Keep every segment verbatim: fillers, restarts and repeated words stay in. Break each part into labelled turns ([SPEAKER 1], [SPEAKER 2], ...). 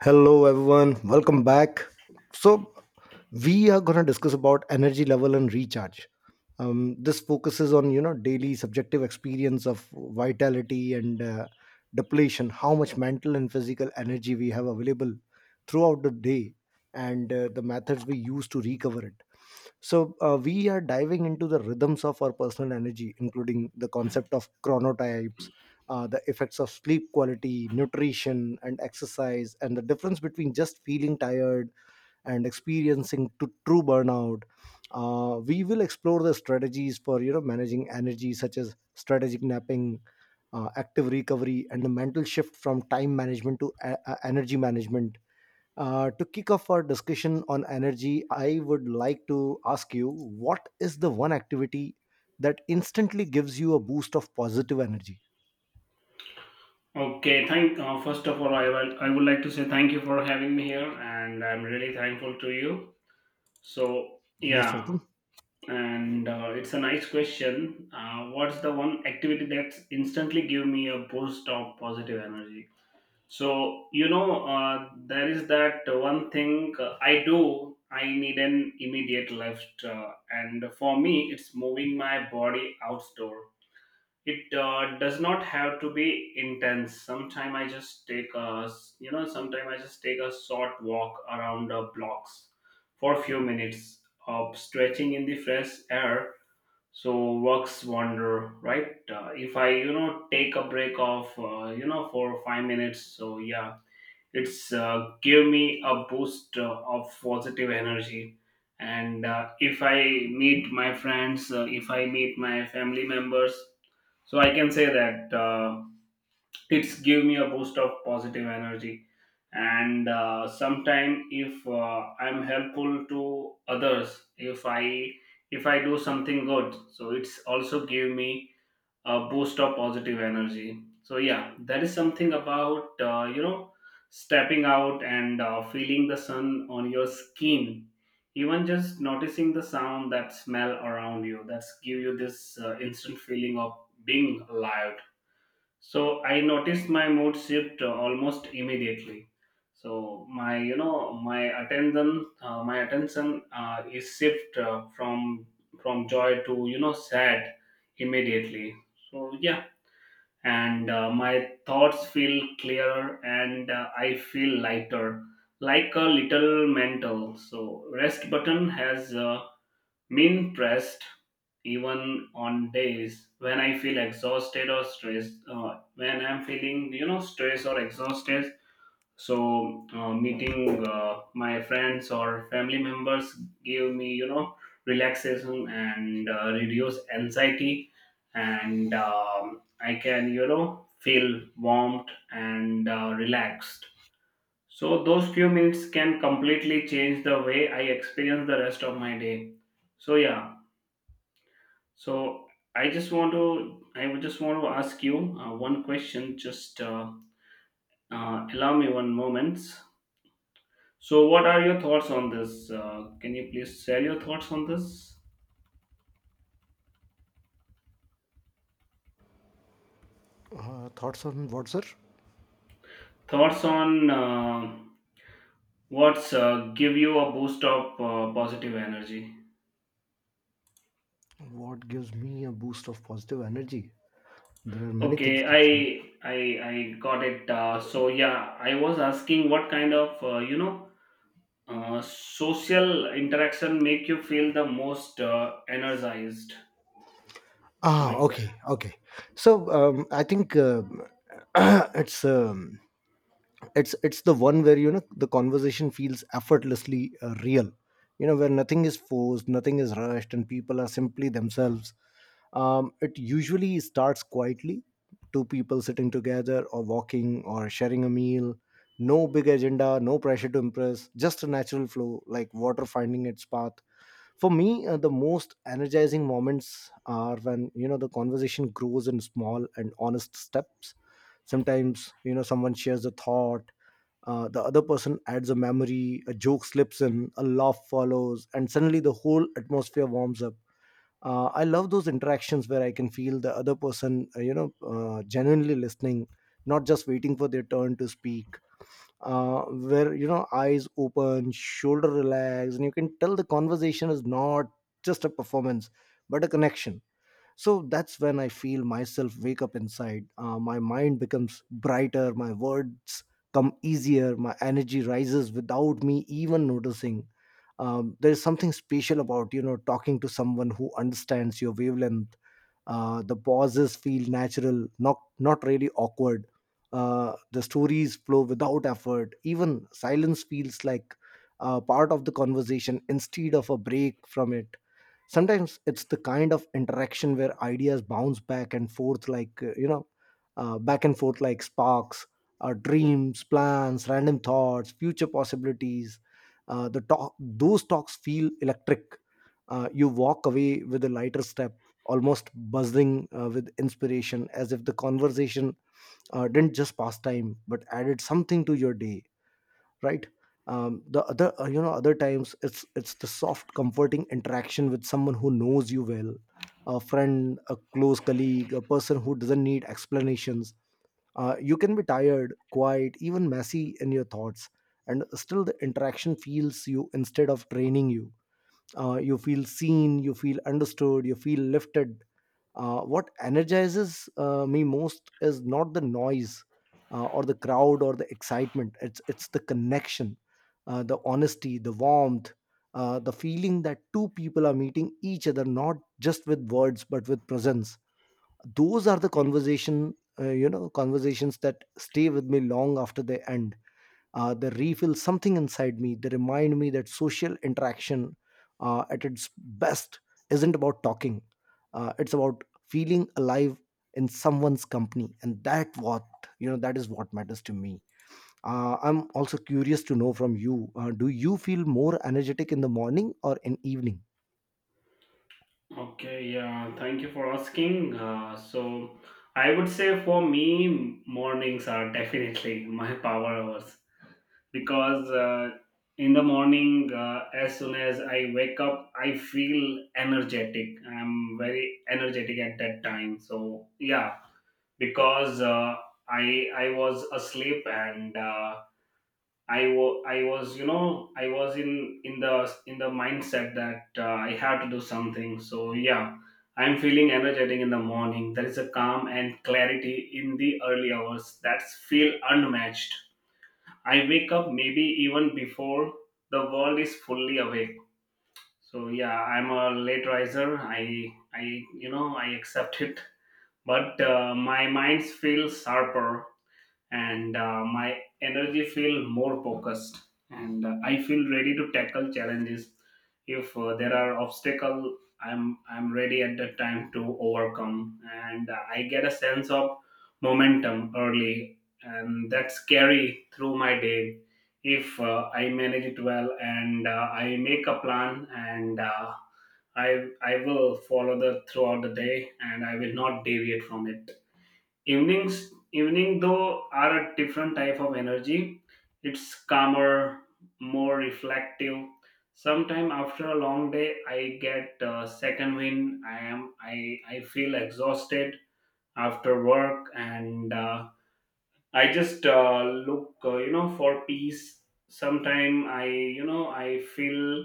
[SPEAKER 1] Hello everyone, welcome back. So we are going to discuss about energy level and recharge. Um, this focuses on you know daily subjective experience of vitality and uh, depletion, how much mental and physical energy we have available throughout the day, and uh, the methods we use to recover it. So uh, we are diving into the rhythms of our personal energy, including the concept of chronotypes, uh, the effects of sleep quality, nutrition, and exercise, and the difference between just feeling tired and experiencing t- true burnout. Uh, we will explore the strategies for you know managing energy, such as strategic napping, uh, active recovery, and the mental shift from time management to a- a- energy management. Uh, to kick off our discussion on energy, I would like to ask you, what is the one activity that instantly gives you a boost of positive energy?
[SPEAKER 2] Okay, thank uh, first of all, I will, I would like to say thank you for having me here, and I'm really thankful to you. So
[SPEAKER 1] Most
[SPEAKER 2] yeah,
[SPEAKER 1] welcome.
[SPEAKER 2] and uh, it's a nice question. Uh, what's the one activity that instantly give me a boost of positive energy? So you know, uh, there is that one thing uh, I do. I need an immediate lift, uh, and for me, it's moving my body outdoor. It uh, does not have to be intense. Sometime I just take a s- you know sometime I just take a short walk around uh, blocks for a few minutes of stretching in the fresh air. So works wonder, right? Uh, if I you know take a break of uh, you know for five minutes, so yeah, it's uh, give me a boost uh, of positive energy. And uh, if I meet my friends, uh, if I meet my family members, so I can say that uh, it's give me a boost of positive energy. And uh, sometime if uh, I'm helpful to others, if I, if I do something good, so it's also give me a boost of positive energy. So yeah, that is something about uh, you know stepping out and uh, feeling the sun on your skin, even just noticing the sound, that smell around you, that's give you this uh, instant feeling of being alive. So I noticed my mood shift uh, almost immediately. So my you know my attention uh, my attention uh, is shift uh, from from joy to you know sad immediately. So yeah, and uh, my thoughts feel clearer and uh, I feel lighter, like a little mental. So rest button has. Uh, Mean pressed, even on days when I feel exhausted or stressed. Uh, when I'm feeling, you know, stress or exhausted, so uh, meeting uh, my friends or family members give me, you know, relaxation and uh, reduce anxiety, and um, I can, you know, feel warmed and uh, relaxed. So those few minutes can completely change the way I experience the rest of my day. So yeah, so I just want to I would just want to ask you uh, one question. Just uh, uh, Allow me one moment. So what are your thoughts on this? Uh, can you please share your thoughts on this?
[SPEAKER 1] Uh, thoughts on what, sir?
[SPEAKER 2] Thoughts on uh, what's uh, give you a boost of uh, positive energy?
[SPEAKER 1] What gives me a boost of positive energy? There are many things,
[SPEAKER 2] Okay,
[SPEAKER 1] actually.
[SPEAKER 2] I I I got it. Uh, so yeah, I was asking what kind of uh, you know uh, social interaction make you feel the most uh, energized. So
[SPEAKER 1] Ah,
[SPEAKER 2] my
[SPEAKER 1] okay, okay. So um, I think um it's um, it's it's the one where you know the conversation feels effortlessly uh, real, you know where nothing is forced, nothing is rushed, and people are simply themselves um, it usually starts quietly, two people sitting together, or walking, or sharing a meal. No big agenda, no pressure to impress, just a natural flow, like water finding its path. For me, uh, the most energizing moments are when you know the conversation grows in small and honest steps. Sometimes you know someone shares a thought, uh, the other person adds a memory, a joke slips in, a laugh follows, and suddenly the whole atmosphere warms up. Uh, I love those interactions where I can feel the other person, uh, you know, uh, genuinely listening, not just waiting for their turn to speak. Uh, where you know eyes open, shoulder relaxed, and you can tell the conversation is not just a performance but a connection. So that's when I feel myself wake up inside. Uh, my mind becomes brighter, my words come easier, my energy rises without me even noticing. Um, there is something special about you know talking to someone who understands your wavelength. Uh, the pauses feel natural, not not really awkward. Uh, the stories flow without effort, even silence feels like uh, part of the conversation instead of a break from it. Sometimes it's the kind of interaction where ideas bounce back and forth like, uh, you know uh, back and forth like sparks. Uh, dreams, plans, random thoughts, future possibilities. Uh, the talk those talks feel electric. Uh, you walk away with a lighter step, almost buzzing uh, with inspiration, as if the conversation uh, didn't just pass time but added something to your day. Right. Um, the other uh, you know other times it's it's the soft, comforting interaction with someone who knows you well, a friend, a close colleague, a person who doesn't need explanations. Uh, you can be tired, quiet, even messy in your thoughts, and still the interaction feels you instead of draining you. Uh, you feel seen, you feel understood, you feel lifted. Uh, what energizes uh, me most is not the noise, uh, or the crowd, or the excitement. It's it's the connection, uh, the honesty, the warmth, uh, the feeling that two people are meeting each other, not just with words but with presence. Those are the conversation, uh, you know, conversations that stay with me long after they end uh, they refill something inside me. They remind me that social interaction, uh, at its best, isn't about talking, uh, it's about feeling alive in someone's company. And that what, you know, that is what matters to me. Uh, I'm also curious to know from you. Uh, do you feel more energetic in the morning or in evening?
[SPEAKER 2] okay, yeah, thank you for asking. Uh, so, I would say for me, mornings are definitely my power hours because uh, in the morning, uh, as soon as I wake up, I feel energetic. I'm very energetic at that time. So, yeah, because uh, I I was asleep and uh, I was, I was, you know, I was in in the in the mindset that uh, I have to do something. So yeah, I'm feeling energetic in the morning. There is a calm and clarity in the early hours that's feel unmatched. I wake up maybe even before the world is fully awake. So yeah, I'm a late riser. I I you know I accept it, but uh, my mind feels sharper and uh, my energy feel more focused and uh, I feel ready to tackle challenges. If uh, there are obstacle, i'm i'm ready at that time to overcome, and uh, I get a sense of momentum early, and that's carry through my day if uh, I manage it well and uh, I make a plan and uh, i i will follow the throughout the day and I will not deviate from it. Evenings, evening though, are a different type of energy. It's calmer, more reflective. Sometime after a long day, I get a second wind. I am I I feel exhausted after work, and uh, I just uh, look, uh, you know, for peace. Sometime I, you know, I feel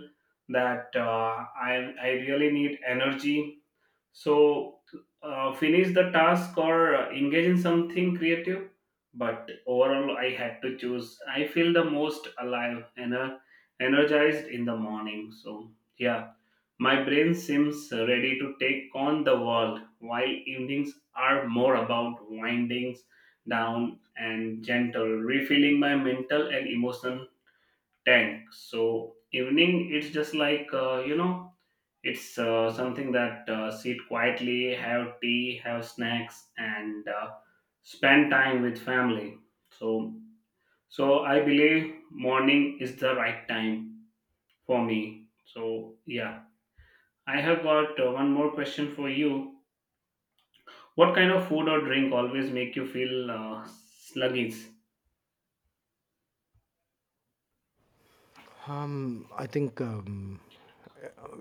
[SPEAKER 2] that uh, I I really need energy, so, uh, finish the task or uh, engage in something creative. But overall, I had to choose. I feel the most alive and uh, energized in the morning. So, yeah, my brain seems ready to take on the world, while evenings are more about windings down and gentle, refilling my mental and emotional tank. So, evening, it's just like, uh, you know, it's uh, something that uh, sit quietly, have tea, have snacks, and uh, spend time with family. So, so I believe morning is the right time for me. So, yeah, I have got uh, one more question for you. What kind of food or drink always make you feel uh, sluggish?
[SPEAKER 1] Um, I think, um,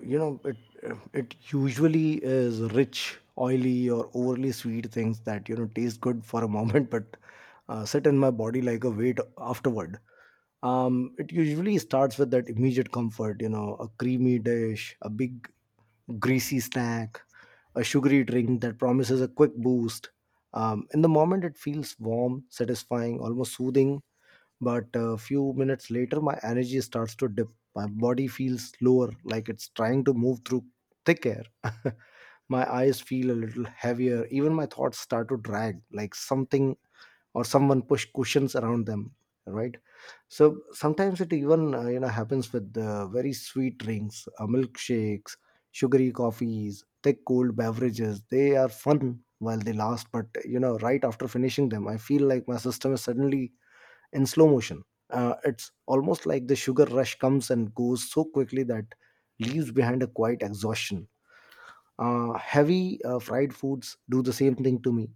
[SPEAKER 1] you know it it usually is rich, oily, or overly sweet things that you know taste good for a moment, but uh, sit in my body like a weight afterward um it usually starts with that immediate comfort, you know a creamy dish, a big greasy snack, a sugary drink that promises a quick boost um, in the moment it feels warm, satisfying, almost soothing, but a few minutes later my energy starts to dip. My body feels slower, like it's trying to move through thick air. My eyes feel a little heavier, even my thoughts start to drag, like something or someone push cushions around them. Right. So sometimes it even uh, you know happens with uh, very sweet drinks, uh, milkshakes, sugary coffees, thick cold beverages. They are fun while they last, but you know right after finishing them I feel like my system is suddenly in slow motion. Uh, it's almost like the sugar rush comes and goes so quickly that leaves behind a quiet exhaustion. Uh, heavy uh, fried foods do the same thing to me.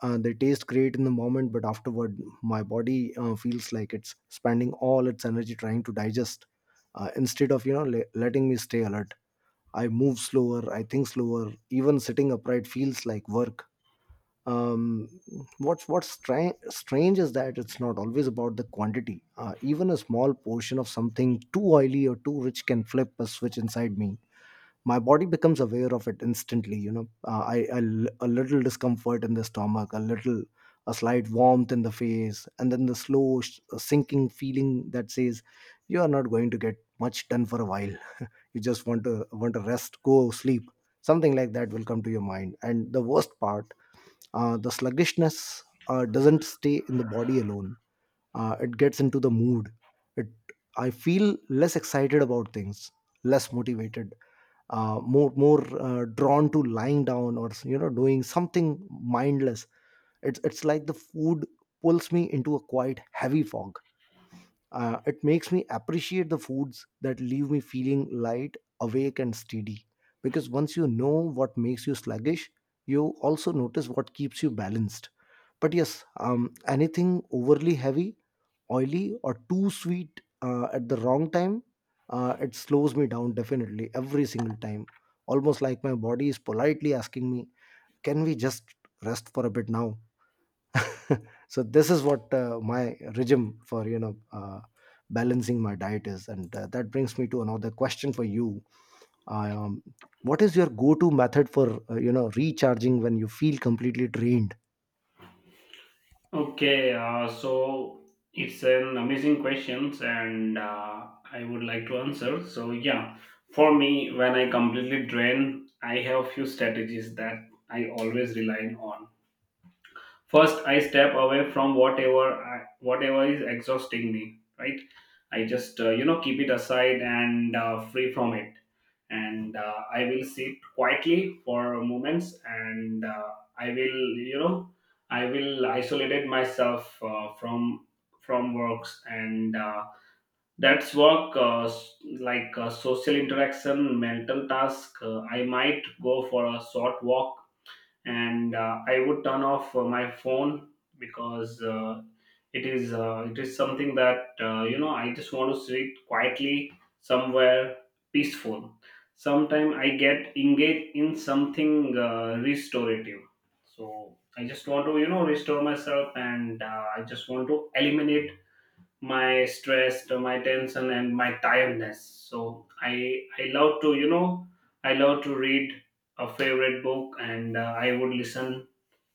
[SPEAKER 1] Uh, they taste great in the moment, but afterward, my body uh, feels like it's spending all its energy trying to digest, uh, instead of you know le- letting me stay alert. I move slower, I think slower. Even sitting upright feels like work um, what's what's stra- strange is that it's not always about the quantity. Uh, even a small portion of something too oily or too rich can flip a switch inside me. My body becomes aware of it instantly. You know, uh, I, I l- a little discomfort in the stomach, a little a slight warmth in the face, and then the slow sh- sinking feeling that says, you are not going to get much done for a while. You just want to want to rest, go sleep. Something like that will come to your mind. And the worst part, uh, the sluggishness uh, doesn't stay in the body alone. Uh, it gets into the mood. It I feel less excited about things, less motivated, uh, more more uh, drawn to lying down, or you know doing something mindless. It's it's like the food pulls me into a quite heavy fog. Uh, it makes me appreciate the foods that leave me feeling light, awake, and steady. Because once you know what makes you sluggish, you also notice what keeps you balanced. But yes, um, anything overly heavy, oily, or too sweet uh, at the wrong time, uh, it slows me down, definitely, every single time. Almost like my body is politely asking me, "Can we just rest for a bit now?" So this is what, uh, my regime for you know uh, balancing my diet is, and uh, that brings me to another question for you. Um, what is your go-to method for uh, you know recharging when you feel completely drained?
[SPEAKER 2] Okay, uh, so it's an amazing questions, and uh, I would like to answer. So yeah, for me, when I completely drain, I have few strategies that I always rely on. First, I step away from whatever I, whatever is exhausting me, right? I just uh, you know keep it aside and uh, free from it, and uh, I will sit quietly for moments, and uh, i will you know i will isolate myself uh, from from works and uh, that's work uh, s- like uh, social interaction, mental task. uh, I might go for a short walk, and uh, I would turn off uh, my phone because uh, it is uh, it is something that uh, you know, I just want to sit quietly somewhere peaceful. Sometimes I get engaged in something uh, restorative. So I just want to you know restore myself, and uh, I just want to eliminate my stress, uh, my tension, and my tiredness. So i i love to you know i love to read a favorite book, and uh, I would listen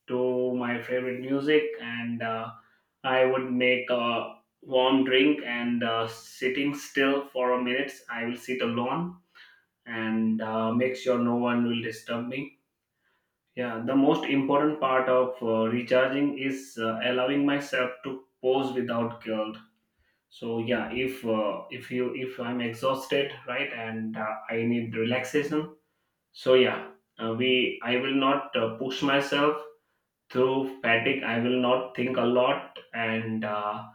[SPEAKER 2] to my favorite music, and uh, I would make a warm drink, and uh, sitting still for a minute, I will sit alone, and uh, make sure no one will disturb me. Yeah, the most important part of uh, recharging is uh, allowing myself to pause without guilt. So yeah, if uh, if you if I'm exhausted, right, and uh, I need relaxation, so yeah, uh, we I will not uh, push myself through fatigue. I will not think a lot, and uh,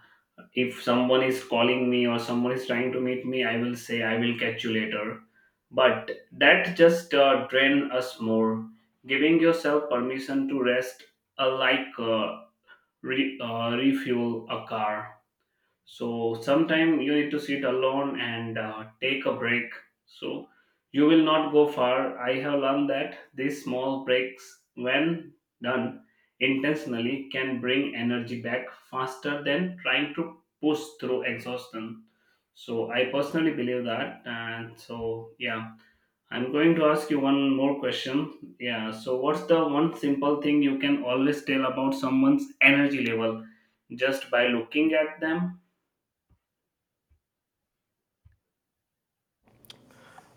[SPEAKER 2] if someone is calling me or someone is trying to meet me, I will say I will catch you later. But that just uh, drain us more. Giving yourself permission to rest, uh, like uh, re- uh, refuel a car. So sometime you need to sit alone and uh, take a break, so you will not go far. I have learned that these small breaks, when done intentionally, can bring energy back faster than trying to push through exhaustion. So I personally believe that, and so yeah, I'm going to ask you one more question. Yeah, so what's the one simple thing you can always tell about someone's energy level just by looking at them?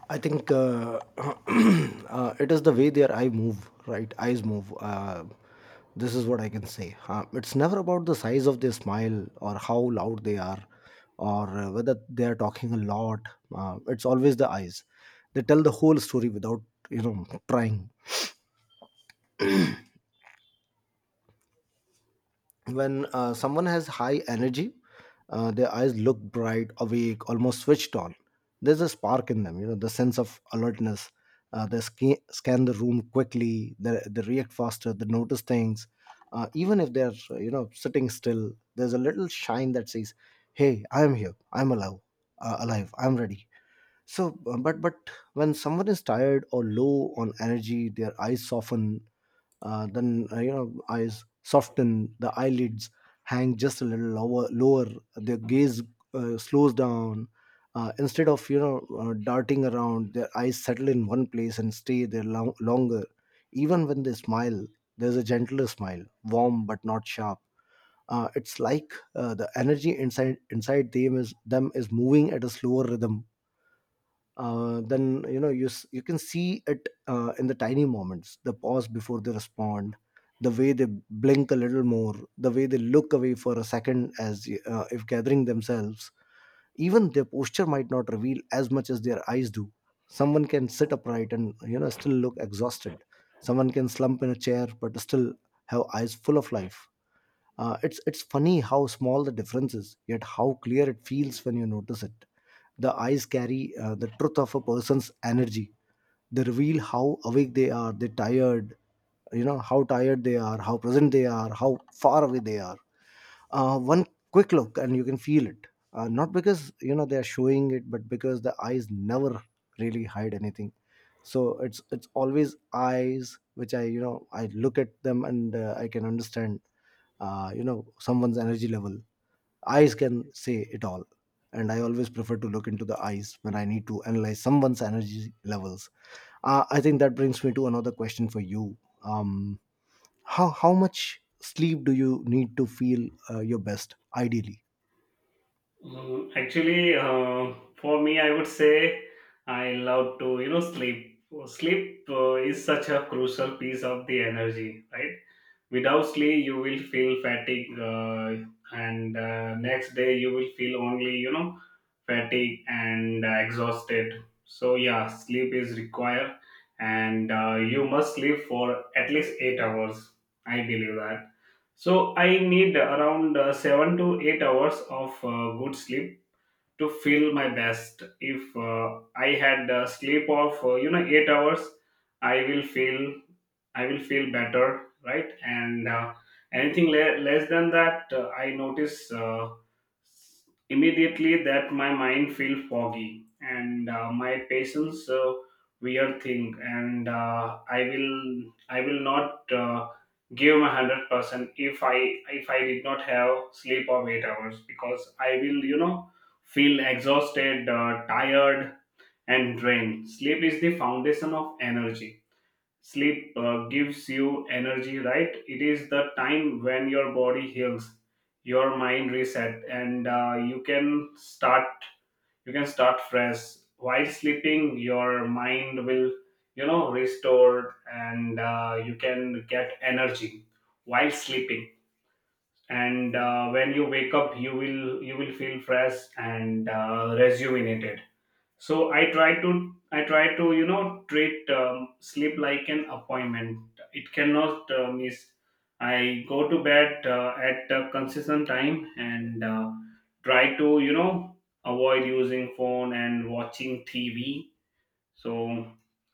[SPEAKER 1] I think, uh, uh, it is the way their eye move, right? Eyes move. Uh, this is what I can say. Uh, it's never about the size of their smile or how loud they are, or uh, whether they are talking a lot. Uh, it's always the eyes. They tell the whole story without, you know, trying. when uh, someone has high energy, uh, their eyes look bright, awake, almost switched on. There's a spark in them, you know the sense of alertness. Uh, they scan, scan the room quickly, they, they react faster, they notice things. Uh, even if they're uh, you know sitting still, there's a little shine that says, "Hey, I'm here, I'm alive, uh, alive I'm ready." So uh, but but when someone is tired or low on energy, their eyes soften. Uh, then uh, you know eyes soften the eyelids hang just a little lower, lower. Their gaze uh, slows down. Uh, instead of you know uh, darting around, their eyes settle in one place and stay there long- longer. Even when they smile, there's a gentler smile, warm but not sharp. Uh, it's like uh, the energy inside inside them is them is moving at a slower rhythm. Uh, then you know you s- you can see it uh, in the tiny moments, the pause before they respond, the way they blink a little more, the way they look away for a second, as uh, if gathering themselves. Even their posture might not reveal as much as their eyes do. Someone can sit upright and you know still look exhausted, someone can slump in a chair but still have eyes full of life. Uh, it's it's funny how small the difference is, yet how clear it feels when you notice it. The eyes carry uh, the truth of a person's energy. They reveal how awake they are, they tired, you know how tired they are, how present they are, how far away they are. Uh, one quick look and you can feel it. Uh, not because you know they are showing it, but because the eyes never really hide anything. So it's it's always eyes, which I you know I look at them, and uh, I can understand uh, you know someone's energy level. Eyes can say it all, and I always prefer to look into the eyes when I need to analyze someone's energy levels. Uh, i think that brings me to another question for you. um, how, how much sleep do you need to feel uh, your best, ideally?
[SPEAKER 2] Mm, actually, uh, for me, I would say I love to, you know, sleep. Sleep uh, is such a crucial piece of the energy, right? Without sleep, you will feel fatigue, uh, and uh, next day you will feel only, you know, fatigue and uh, exhausted. So yeah, sleep is required, and uh, you must sleep for at least eight hours. I believe that. So I need around uh, seven to eight hours of uh, good sleep to feel my best. If uh, I had a sleep of uh, you know eight hours, I will feel I will feel better, right? And uh, anything le- less than that, uh, I notice uh, immediately that my mind feel foggy and uh, my patience uh, weird thing, and uh, I will I will not. Uh, give my one hundred percent if i if i did not have sleep of eight hours, because I will, you know, feel exhausted, uh, tired, and drained. Sleep is the foundation of energy. Sleep uh, gives you energy, right? It is the time when your body heals, your mind reset, and uh, you can start. You can start fresh while sleeping. Your mind will, you know, restored, and uh, you can get energy while sleeping, and uh, when you wake up, you will you will feel fresh and uh, rejuvenated. So i try to i try to you know treat um, sleep like an appointment. It cannot uh, miss. I go to bed uh, at a consistent time and uh, try to you know avoid using phone and watching TV. So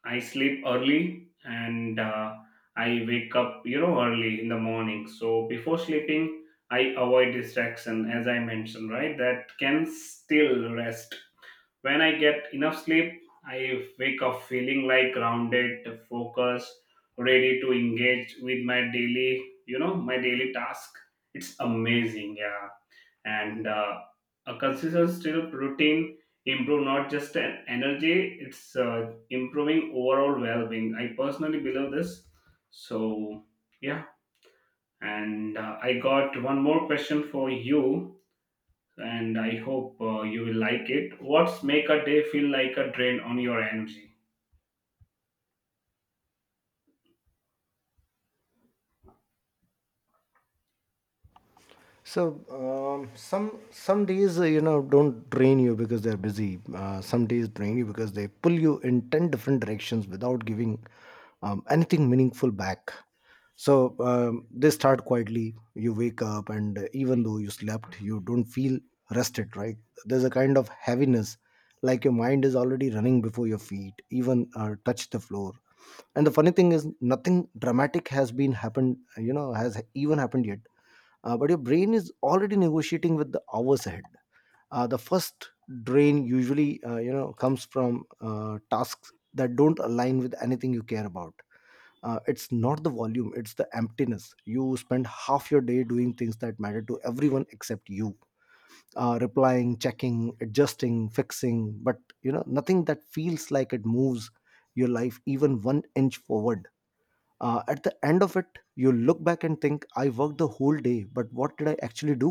[SPEAKER 2] I sleep early and uh, I wake up, you know, early in the morning. So before sleeping, I avoid distraction, as I mentioned, right? That can still rest. When I get enough sleep, I wake up feeling like grounded, focused, ready to engage with my daily, you know, my daily task. It's amazing, yeah, and uh, a consistent still routine improve not just an energy, it's uh, improving overall well-being. I personally believe this. So yeah, and uh, I got one more question for you, and I hope uh, you will like it. What's make a day feel like a drain on your energy?
[SPEAKER 1] So um, some some days uh, you know don't drain you because they're busy. Uh, some days drain you because they pull you in ten different directions without giving um, anything meaningful back. So um, they start quietly. You wake up, and uh, even though you slept, you don't feel rested. Right? There's a kind of heaviness, like your mind is already running before your feet even uh, touch the floor. And the funny thing is, nothing dramatic has been happened. You know, has even happened yet. Uh, but your brain is already negotiating with the hours ahead. Uh, the first drain usually uh, you know comes from uh, tasks that don't align with anything you care about. Uh, it's not the volume, it's the emptiness. You spend half your day doing things that matter to everyone except you, uh, replying, checking, adjusting, fixing, but you know nothing that feels like it moves your life even one inch forward. Uh, at the end of it, you look back and think, I worked the whole day, but what did I actually do?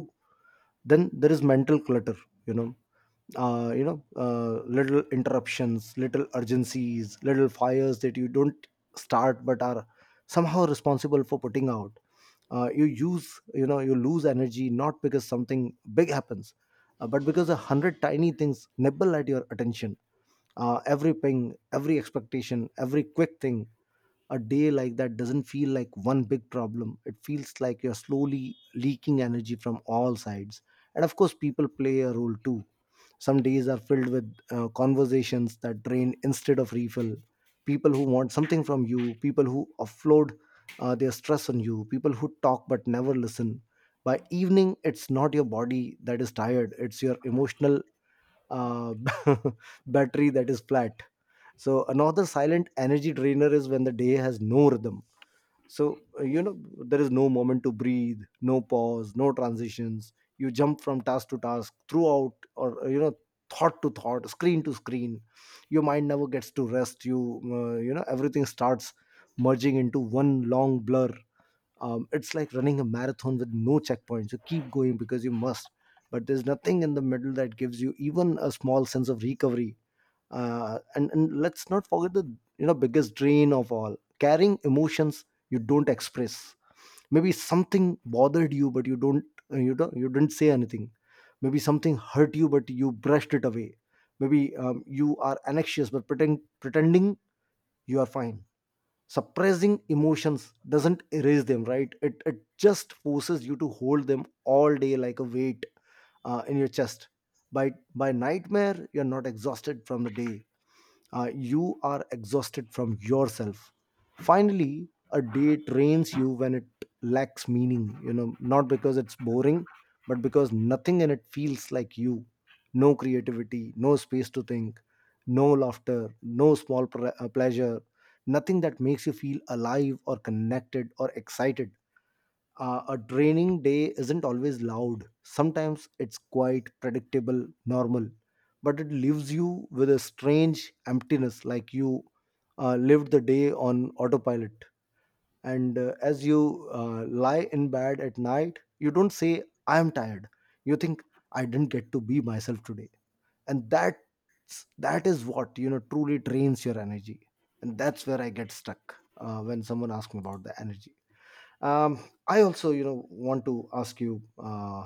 [SPEAKER 1] Then there is mental clutter, you know. uh, you know uh, Little interruptions, little urgencies, little fires that you don't start but are somehow responsible for putting out. Uh, you use, you know, you lose energy not because something big happens, uh, but because a hundred tiny things nibble at your attention. Uh, every ping, every expectation, every quick thing. A day like that doesn't feel like one big problem. It feels like you're slowly leaking energy from all sides. And of course, people play a role too. Some days are filled with uh, conversations that drain instead of refill. People who want something from you, people who offload uh, their stress on you, people who talk but never listen. By evening, it's not your body that is tired, it's your emotional uh, battery that is flat. So another silent energy drainer is when the day has no rhythm. So uh, you know there is no moment to breathe, no pause, no transitions. You jump from task to task throughout, or uh, you know thought to thought, screen to screen. Your mind never gets to rest. You uh, you know everything starts merging into one long blur. Um, it's like running a marathon with no checkpoints. You keep going because you must, but there's nothing in the middle that gives you even a small sense of recovery. Uh, and and let's not forget the, you know, biggest drain of all: carrying emotions you don't express. Maybe something bothered you, but you don't uh, you don't you didn't say anything. Maybe something hurt you, but you brushed it away. Maybe um, you are anxious but pretend, pretending you are fine. Suppressing emotions doesn't erase them, right? It, it just forces you to hold them all day like a weight uh, in your chest. By by nightmare, you're not exhausted from the day, uh, you are exhausted from yourself. Finally, a day drains you when it lacks meaning, you know, not because it's boring, but because nothing in it feels like you. No creativity, no space to think, no laughter, no small pre- uh, pleasure, nothing that makes you feel alive or connected or excited. Uh, a draining day isn't always loud. Sometimes it's quite predictable, normal, but it leaves you with a strange emptiness, like you uh, lived the day on autopilot. And uh, as you uh, lie in bed at night, you don't say, I am tired. You think, I didn't get to be myself today. And that that is what, you know, truly drains your energy. And that's where I get stuck uh, when someone asks me about the energy. um, I also, you know, want to ask you uh,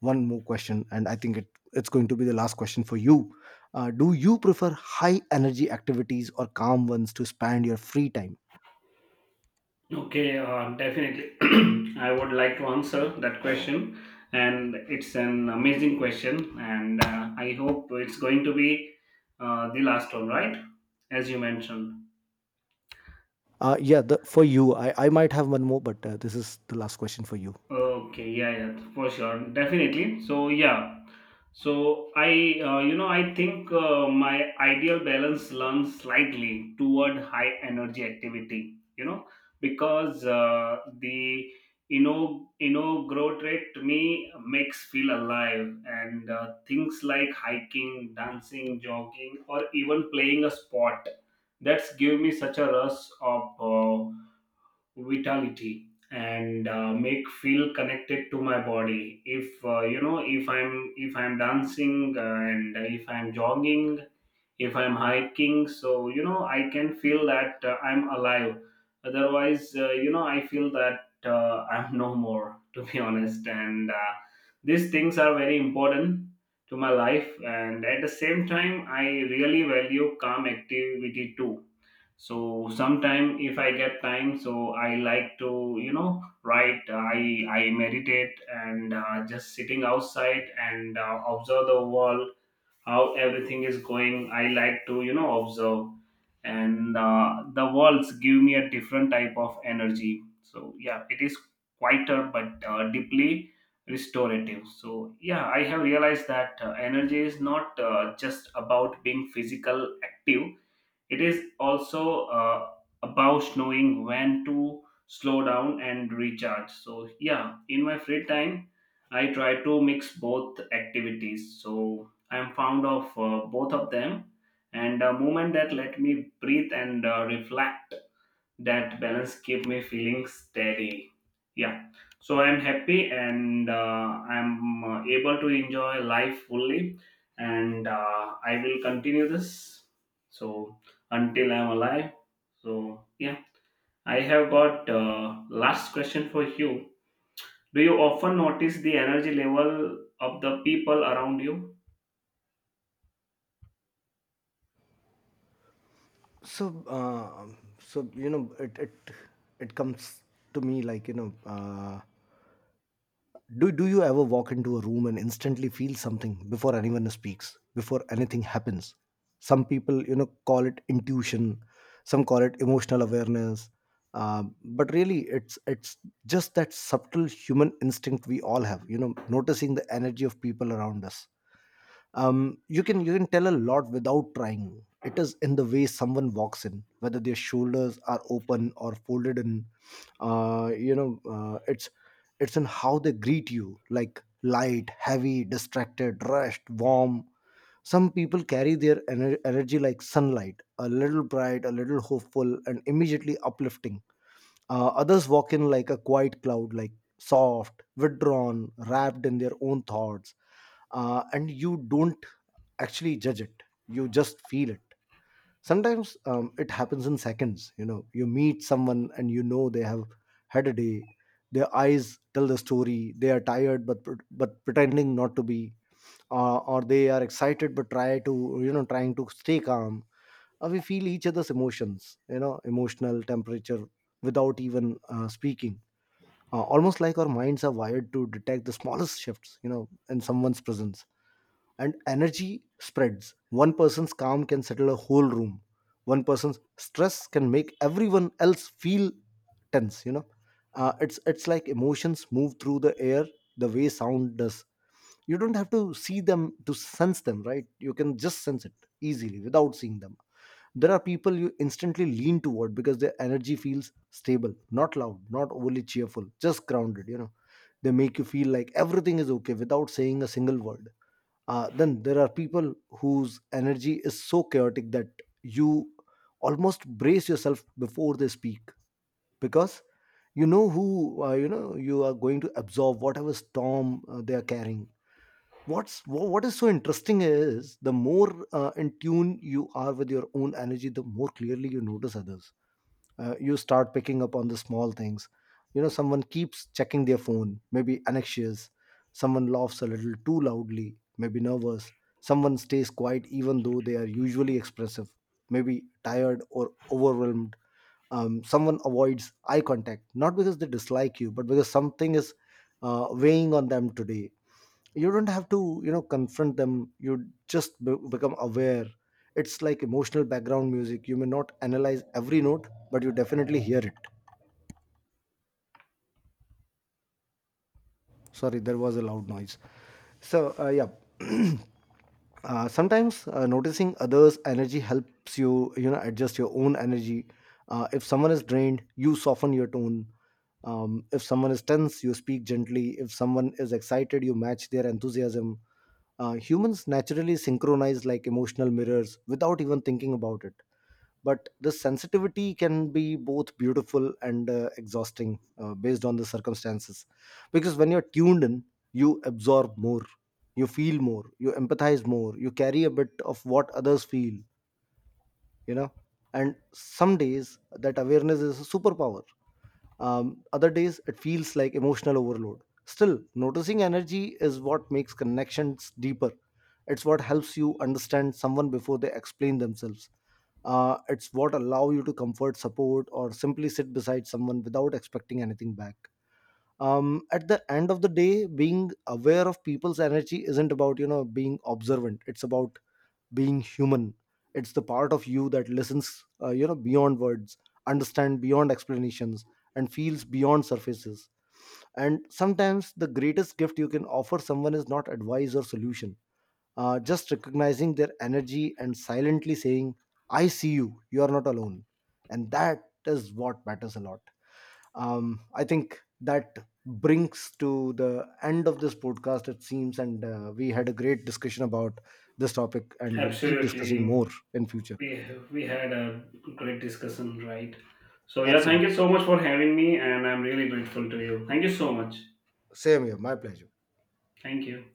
[SPEAKER 1] one more question, and I think it, it's going to be the last question for you. Uh, do you prefer high energy activities or calm ones to spend your free time?
[SPEAKER 2] Okay, uh, definitely. I would like to answer that question, and it's an amazing question, and uh, I hope it's going to be uh, the last one, right? As you mentioned.
[SPEAKER 1] Uh, yeah, the, for you I, I might have one more, but uh, this is the last question for you.
[SPEAKER 2] Okay, yeah, yeah, for sure, definitely. So yeah, so I, uh, you know, I think uh, my ideal balance leans slightly toward high energy activity. You know, because uh, the you know you know growth rate to me makes feel alive, and uh, things like hiking, dancing, jogging, or even playing a sport, that's give me such a rush of uh, vitality and uh, make feel connected to my body. If uh, you know if i'm if I'm dancing uh, and if I'm jogging, if I'm hiking, so you know, I can feel that uh, I'm alive. Otherwise uh, you know I feel that uh, I'm no more to be honest, and uh, these things are very important to my life, and at the same time I really value calm activity too. So sometime if I get time, so I like to you know write, i i meditate and uh, just sitting outside and uh, observe the world how everything is going. I like to you know observe, and uh, the worlds give me a different type of energy. So yeah, it is quieter but uh, deeply restorative. So yeah, I have realized that uh, energy is not uh, just about being physical active, it is also uh, about knowing when to slow down and recharge. So, yeah, in my free time, I try to mix both activities. So, I'm fond of uh, both of them and a moment that let me breathe and uh, reflect. That balance keep me feeling steady, yeah. So I'm happy and uh, I'm uh, able to enjoy life fully, and uh, I will continue this, so until I'm alive. So yeah, I have got uh, last question for you. Do you often notice the energy level of the people around you?
[SPEAKER 1] So uh, so you know it, it it comes to me like, you know, uh, do do you ever walk into a room and instantly feel something before anyone speaks, before anything happens? Some people, you know, call it intuition, some call it emotional awareness, uh, but really it's it's just that subtle human instinct we all have, you know, noticing the energy of people around us. Um, you can you can tell a lot without trying. It is in the way someone walks in, whether their shoulders are open or folded in. Uh, you know uh, it's it's in how they greet you, like light, heavy, distracted, rushed, warm. Some people carry their ener- energy like sunlight, a little bright, a little hopeful, and immediately uplifting. Uh, others walk in like a quiet cloud, like soft, withdrawn, wrapped in their own thoughts. Uh, and you don't actually judge it, you just feel it. Sometimes um, it happens in seconds. You know, you meet someone and you know they have had a day. Their eyes tell the story. They are tired but pr- but pretending not to be, uh, or they are excited but try to you know trying to stay calm. Uh, we feel each other's emotions, you know, emotional temperature, without even uh, speaking. Uh, almost like our minds are wired to detect the smallest shifts, you know, in someone's presence. And energy spreads. One person's calm can settle a whole room. One person's stress can make everyone else feel tense. You know, uh, it's it's like emotions move through the air the way sound does. You don't have to see them to sense them, right? You can just sense it easily without seeing them. There are people you instantly lean toward because their energy feels stable, not loud, not overly cheerful, just grounded. You know, they make you feel like everything is okay without saying a single word. Uh, then there are people whose energy is so chaotic that you almost brace yourself before they speak, because you know who uh, you know you are going to absorb whatever storm uh, they are carrying. What's wh- what is so interesting is the more uh, in tune you are with your own energy, the more clearly you notice others. Uh, you start picking up on the small things. You know, someone keeps checking their phone, maybe anxious. Someone laughs a little too loudly, maybe nervous. Someone stays quiet even though they are usually expressive, maybe tired or overwhelmed. Um, someone avoids eye contact not because they dislike you but because something is uh, weighing on them today. You don't have to, you know, confront them, you just be- become aware. It's like emotional background music. You may not analyze every note, but you definitely hear it. Sorry, there was a loud noise. So uh, yeah. Uh, sometimes uh, noticing others' energy helps you, you know, adjust your own energy. Uh, if someone is drained, you soften your tone. Um, if someone is tense, you speak gently. If someone is excited, you match their enthusiasm. Uh, humans naturally synchronize like emotional mirrors without even thinking about it. But this sensitivity can be both beautiful and uh, exhausting uh, based on the circumstances. Because when you're tuned in, you absorb more, you feel more, you empathize more, you carry a bit of what others feel, you know. And some days that awareness is a superpower. Um, other days, it feels like emotional overload. Still, noticing energy is what makes connections deeper. It's what helps you understand someone before they explain themselves. Uh, it's what allow you to comfort, support, or simply sit beside someone without expecting anything back. Um, at the end of the day, being aware of people's energy isn't about, you know, being observant. It's about being human. It's the part of you that listens uh, you know beyond words, understand beyond explanations, and feels beyond surfaces. And sometimes the greatest gift you can offer someone is not advice or solution, uh, just recognizing their energy and silently saying, I see you, you are not alone. And that is what matters a lot. um, I think that brings to the end of this podcast, it seems, and uh, we had a great discussion about this topic, and we'll keep discussing
[SPEAKER 2] Absolutely.
[SPEAKER 1] more in future.
[SPEAKER 2] we we had a great discussion, right? So yeah, thank
[SPEAKER 1] Absolutely.
[SPEAKER 2] you so much for having me, and I'm really grateful to you. Thank you so much.
[SPEAKER 1] Same here, my pleasure.
[SPEAKER 2] Thank you.